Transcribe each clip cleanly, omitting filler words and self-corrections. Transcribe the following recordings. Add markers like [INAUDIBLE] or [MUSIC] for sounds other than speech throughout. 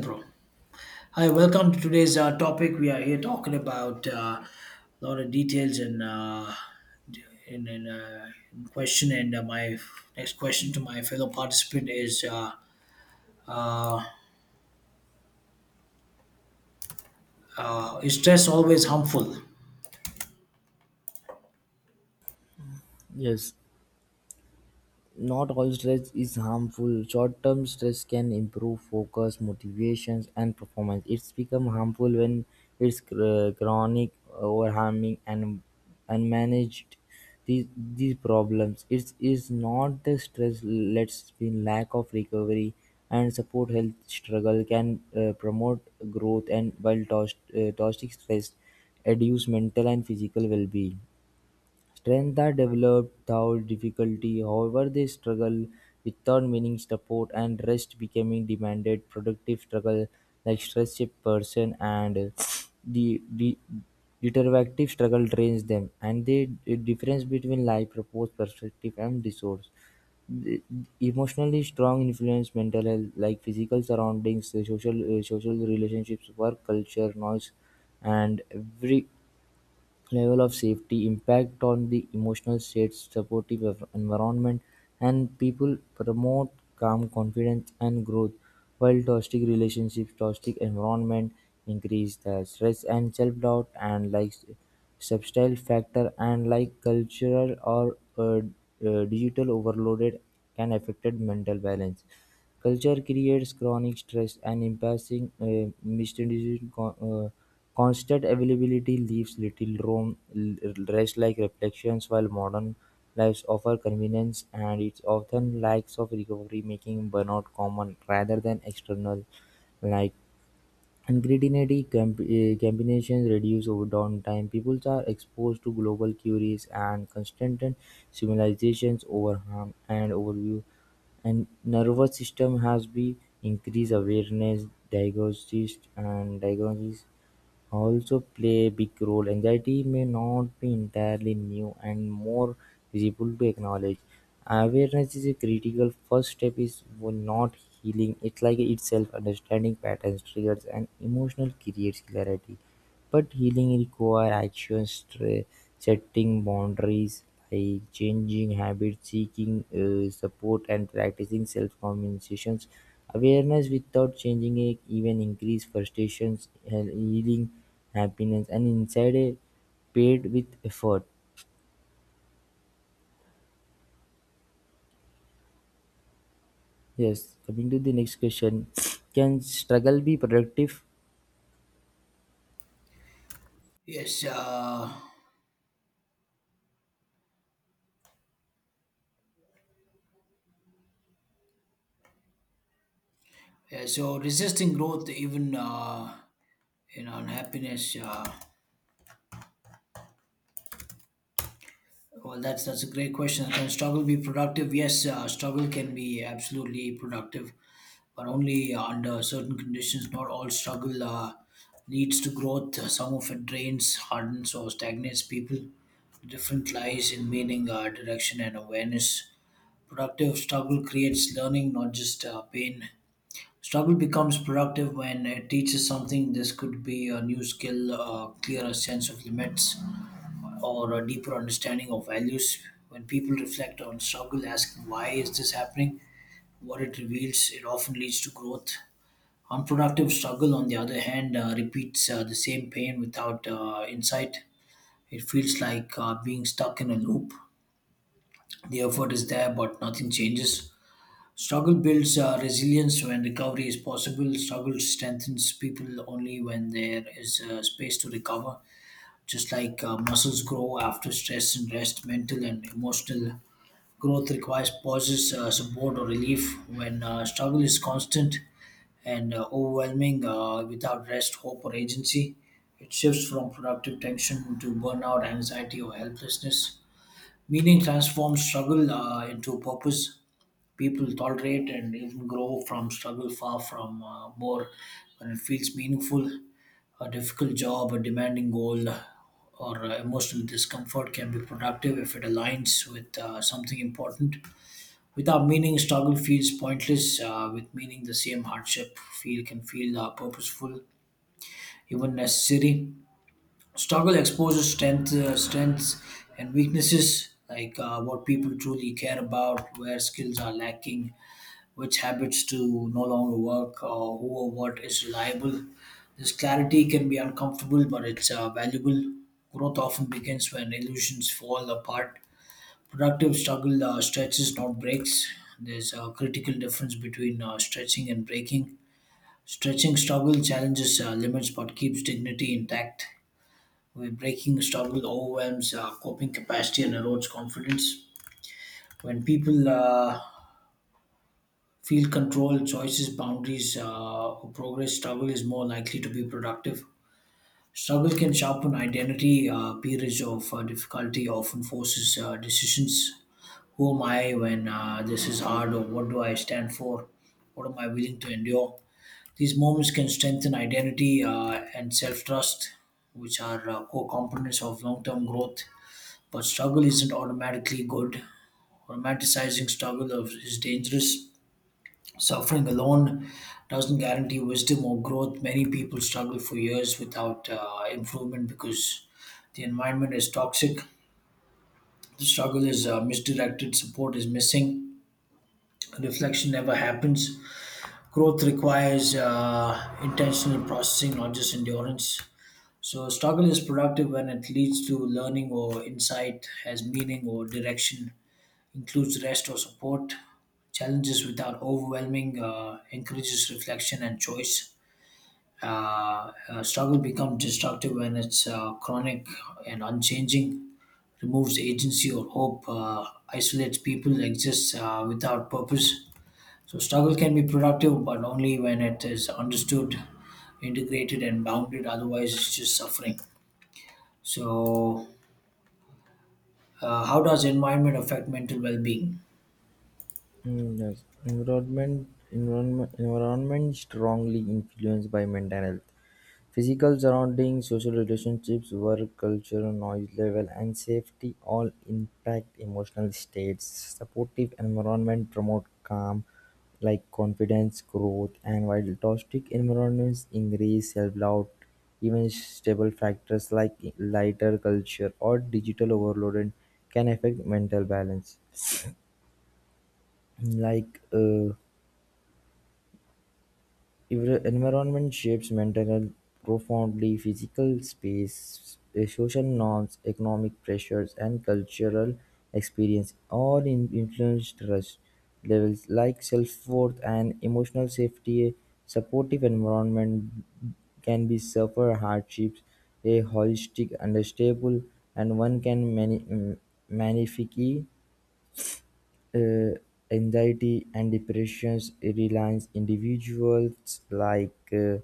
Pro. Hi, welcome to today's topic. We are here talking about a lot of details and d- in, in, uh, in question. And my next question to my fellow participant is: is stress always harmful? Yes, not all stress is harmful. Short term stress can improve focus, motivations, and performance. It's become harmful when chronic, overharming, and unmanaged. These, these problems it is not the stress let's be lack of recovery and support health struggle can promote growth and while toxic toxic stress reduce mental and physical well-being. Strengths are developed through difficulty, however they struggle without meaning support and rest becoming demanded productive struggle like stresses person and the iterative struggle drains them and the difference between life purpose perspective and resource the emotionally strong influence mental health like physical surroundings the social social relationships work culture noise and every level of safety, impact on the emotional states, supportive environment, and people promote calm, confidence, and growth. While toxic relationships, toxic environment increase the stress and self doubt, and like substyle factor and like cultural or digital overloaded can affected mental balance. Culture creates chronic stress and imbalancing misdistribution. Constant availability leaves little room rest like reflections, while modern lives offer convenience and it's often lacks of recovery, making burnout common rather than external. Like ingredient combinations reduce over downtime. People are exposed to global queries and constant civilizations over harm and overview. And nervous system has been increased awareness, diagnosis also play a big role. Anxiety may not be entirely new and more visible to acknowledge. Awareness is a critical first step is for not healing. It's like itself understanding patterns, triggers and emotional creates clarity. But healing requires actions setting boundaries by changing habits, seeking support, and practicing self communication. Awareness without changing it even increase frustration, healing, happiness, and inside a paid with effort. Yes, coming to the next question. Can struggle be productive? Yes. Yeah, so resisting growth, even in unhappiness. Well, that's a great question. Can struggle be productive? Yes, struggle can be absolutely productive, but only under certain conditions. Not all struggle leads to growth. Some of it drains, hardens, or stagnates people. The difference lies in meaning, direction, and awareness. Productive struggle creates learning, not just pain. Struggle becomes productive when it teaches something. This could be a new skill, a clearer sense of limits, or a deeper understanding of values. When people reflect on struggle, asking why is this happening, what it reveals, it often leads to growth. Unproductive struggle, on the other hand, repeats the same pain without insight. It feels like being stuck in a loop. The effort is there, but nothing changes. Struggle builds resilience when recovery is possible. Struggle strengthens people only when there is space to recover. Just like muscles grow after stress and rest, mental and emotional growth requires pauses, support, or relief. When struggle is constant and overwhelming without rest, hope, or agency, it shifts from productive tension to burnout, anxiety, or helplessness. Meaning transforms struggle into purpose. People tolerate and even grow from struggle far from more when it feels meaningful: a difficult job, a demanding goal, or emotional discomfort can be productive if it aligns with something important. Without meaning, struggle feels pointless; with meaning, the same hardship feel can feel purposeful, even necessary. Struggle exposes strengths and weaknesses, like what people truly care about, where skills are lacking, which habits to no longer work, or who or what is reliable. This clarity can be uncomfortable, but it's valuable. Growth often begins when illusions fall apart. Productive struggle stretches, not breaks. There's a critical difference between stretching and breaking. Stretching struggle challenges limits but keeps dignity intact. When breaking, struggle overwhelms coping capacity and erodes confidence. When people feel control, choices, boundaries, or progress, struggle is more likely to be productive. Struggle can sharpen identity. Periods of difficulty often forces decisions. Who am I when this is hard, or what do I stand for? What am I willing to endure? These moments can strengthen identity and self trust, which are core components of long term growth. But struggle isn't automatically good. Romanticizing is dangerous. Suffering alone doesn't guarantee wisdom or growth. Many people struggle for years without improvement because the environment is toxic. The struggle is misdirected, support is missing, reflection never happens. Growth requires intentional processing, not just endurance. So, struggle is productive when it leads to learning or insight, has meaning or direction, includes rest or support, challenges without overwhelming, encourages reflection and choice. Struggle becomes destructive when it's chronic and unchanging, removes agency or hope, isolates people, exists without purpose. So, struggle can be productive, but only when it is understood, integrated, and bounded. Otherwise, it's just suffering. So, how does environment affect mental well being? Mm, yes. Environment strongly influenced by mental health. Physical surroundings, social relationships, work culture, noise level and safety all impact emotional states. Supportive environment promote calm like confidence, growth and while toxic environments increase self-doubt. Even stable factors like lighter culture or digital overload can affect mental balance [CLEARS THROAT] like your environment shapes mental health profoundly; physical space, eh, social norms, economic pressures, and cultural experience all influence trust levels like self-worth and emotional safety. A supportive environment can be suffer hardships, a holistic, unstable, and one can magnify uh, anxiety and depressions reliance individuals like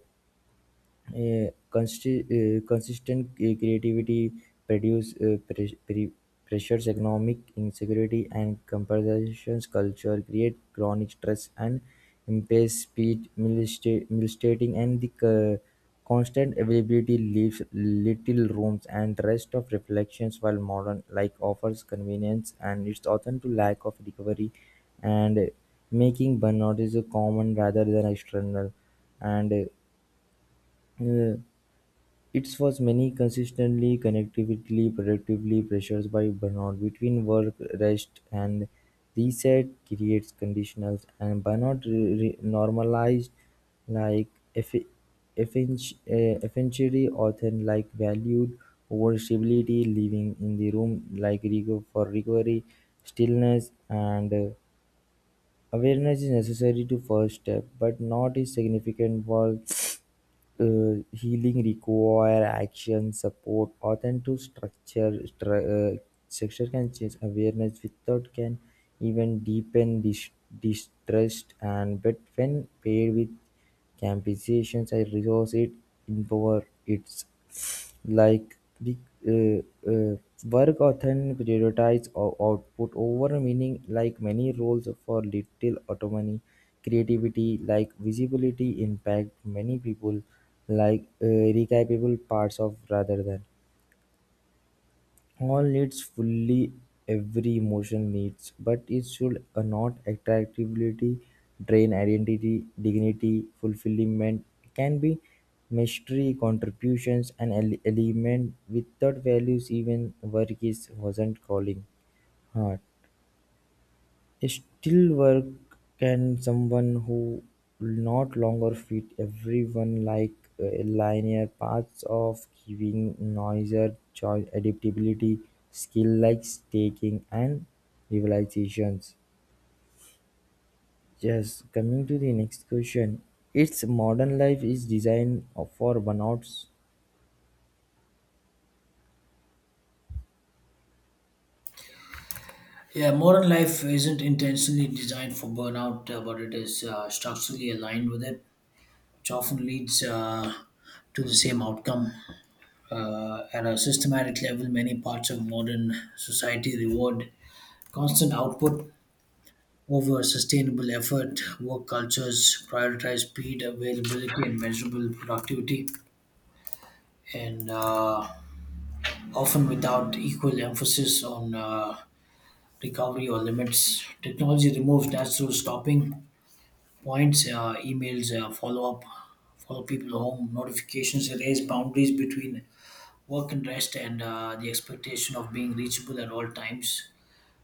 uh, Consti- consistent creativity produce, pressures, economic insecurity, and comparisons. Culture create chronic stress and impairs speed, militating, and the constant availability leaves little rooms and rest of reflections while modern life offers convenience and it's often to lack of recovery and making burnout is a common rather than external and uh, it was many consistently cognitively productively pressures by burnout between work, rest, and reset creates conditionals and burnout normalized like eff efficiency often like valued over stability living in the room like for recovery stillness and awareness is necessary to first step but not is significant for healing require action support authentic structure structure can change awareness without can even deepen distrust and but when paired with compensations and resource it empower its like the uh, uh, work often prioritize output over meaning like many roles for little autonomy creativity like visibility impact many people like recapable parts of rather than all needs fully every emotion needs, but it should not attractivity, drain identity, dignity, fulfillment. Can be mystery, contributions, and element without values. Even work is wasn't calling. Heart. Still work can someone who not longer fit everyone like a linear paths of giving noiser choice adaptability skill like staking and realizations. Yes, coming to the next question. Its modern life is designed for burnouts. Yeah, modern life isn't intentionally designed for burnout, but it is structurally aligned with it, which often leads to the same outcome. At a systematic level, many parts of modern society reward constant output over sustainable effort. Work cultures prioritize speed, availability, and measurable productivity, and often without equal emphasis on recovery or limits. Technology removes natural stopping points, emails, follow up, follow people home, notifications erase boundaries between work and rest, and the expectation of being reachable at all times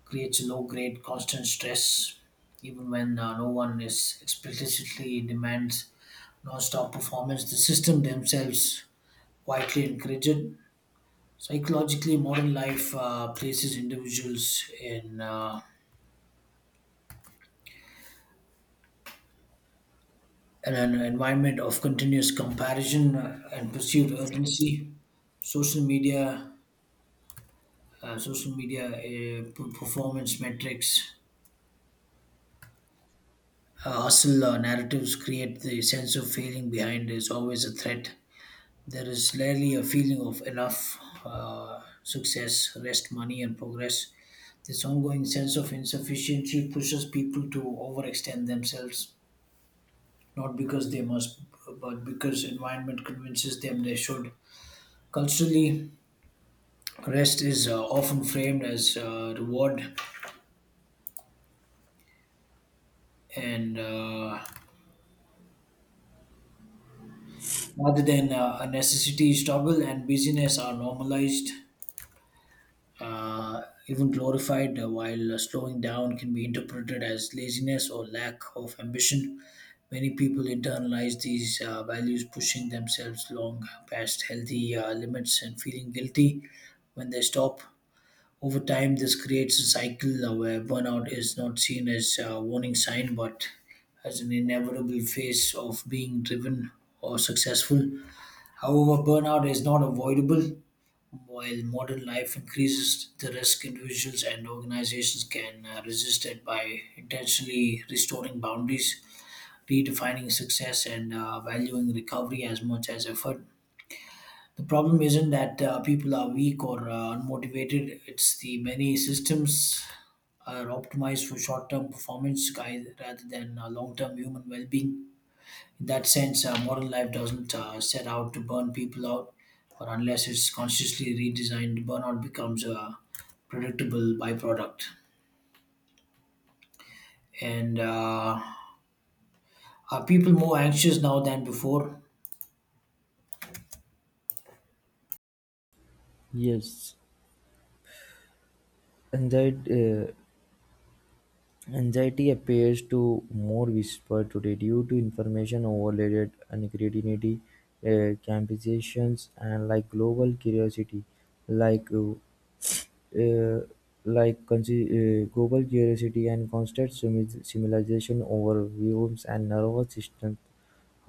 creates a low grade constant stress, even when no one is explicitly demands non-stop performance. The system themselves quietly encourage it. Psychologically, modern life places individuals in an environment of continuous comparison and perceived urgency. Social media, social media performance metrics, hustle narratives create the sense of failing behind is always a threat. There is rarely a feeling of enough success, rest, money, and progress. This ongoing sense of insufficiency pushes people to overextend themselves, not because they must, but because environment convinces them they should. Culturally, rest is often framed as reward and rather than a necessity. Struggle and busyness are normalized, even glorified, while slowing down can be interpreted as laziness or lack of ambition. Many people internalize these values, pushing themselves long past healthy limits and feeling guilty when they stop. Over time, this creates a cycle where burnout is not seen as a warning sign but as an inevitable phase of being driven or successful. However, burnout is not avoidable. While modern life increases the risk, individuals and organizations can resist it by intentionally restoring boundaries, redefining success, and valuing recovery as much as effort. The problem isn't that people are weak or unmotivated, it's the many systems are optimized for short term performance guy, rather than long term human well being. In that sense, modern life doesn't set out to burn people out, or unless it's consciously redesigned, burnout becomes a predictable byproduct. And are people more anxious now than before? Yes, and that uh, anxiety appears to more widespread today due to information overload, creativity, competitions, and like global curiosity, like uh, uh, like global curiosity and constant civilization overviews and nervous system.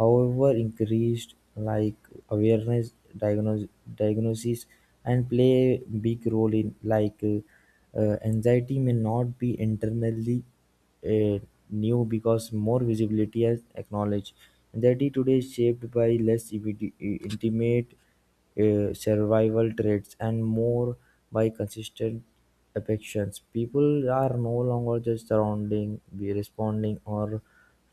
However, increased like awareness, diagnosis, and play a big role in like anxiety may not be internally uh, new because more visibility is acknowledged. Anxiety today is shaped by less intimate survival traits, and more by consistent affections. People are no longer just surrounding, be responding, or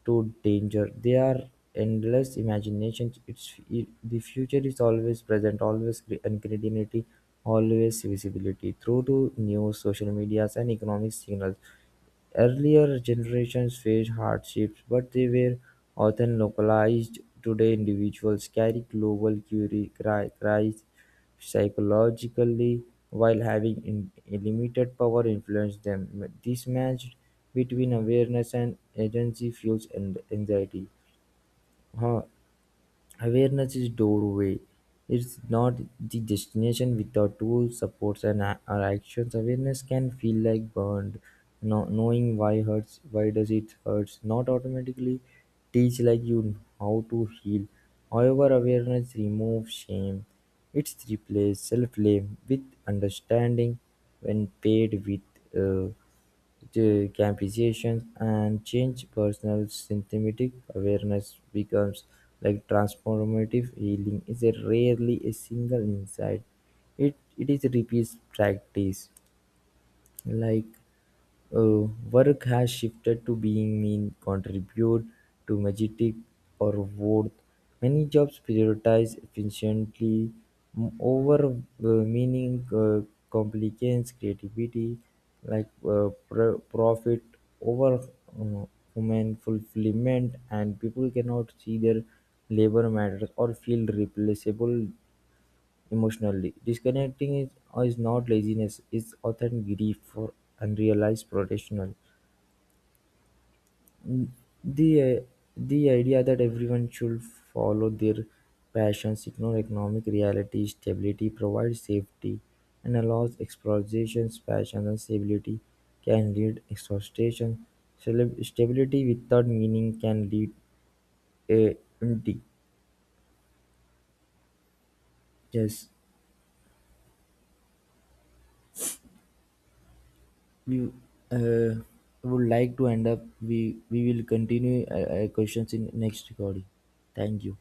to danger. They are endless imaginations. It's it, the future is always present, always cre- and creativity, always visibility through to news, social medias, and economic signals. Earlier generations faced hardships, but they were often localized; today individuals carry global crises psychologically while having limited power influence them. This match between awareness and agency fuels and anxiety. Huh. Awareness is doorway. It's not the destination without tools, supports, and our actions. Awareness can feel like burned. No, knowing why hurts, why does it hurts, not automatically teach like you how to heal. However, awareness removes shame. It's replaced self blame with understanding when paid with the campizations and change personal symptomatic awareness becomes like transformative healing is a rarely a single insight. It is repeat practice. Like work has shifted to being mean, contribute to majestic or worth. Many jobs prioritize efficiently over meaning complicates creativity, like profit over uh, human fulfillment, and people cannot see their labor matters or feel replaceable. Emotionally, disconnecting is not laziness; it's often grief for unrealized potential. The uh, the idea that everyone should follow their passions, ignore economic reality, stability provides safety, and allows exploration. Passion, and stability can lead exhaustion. Celeb- stability without meaning can lead uh, empty. Yes, we uh, would like to end up. We will continue questions in next recording. Thank you.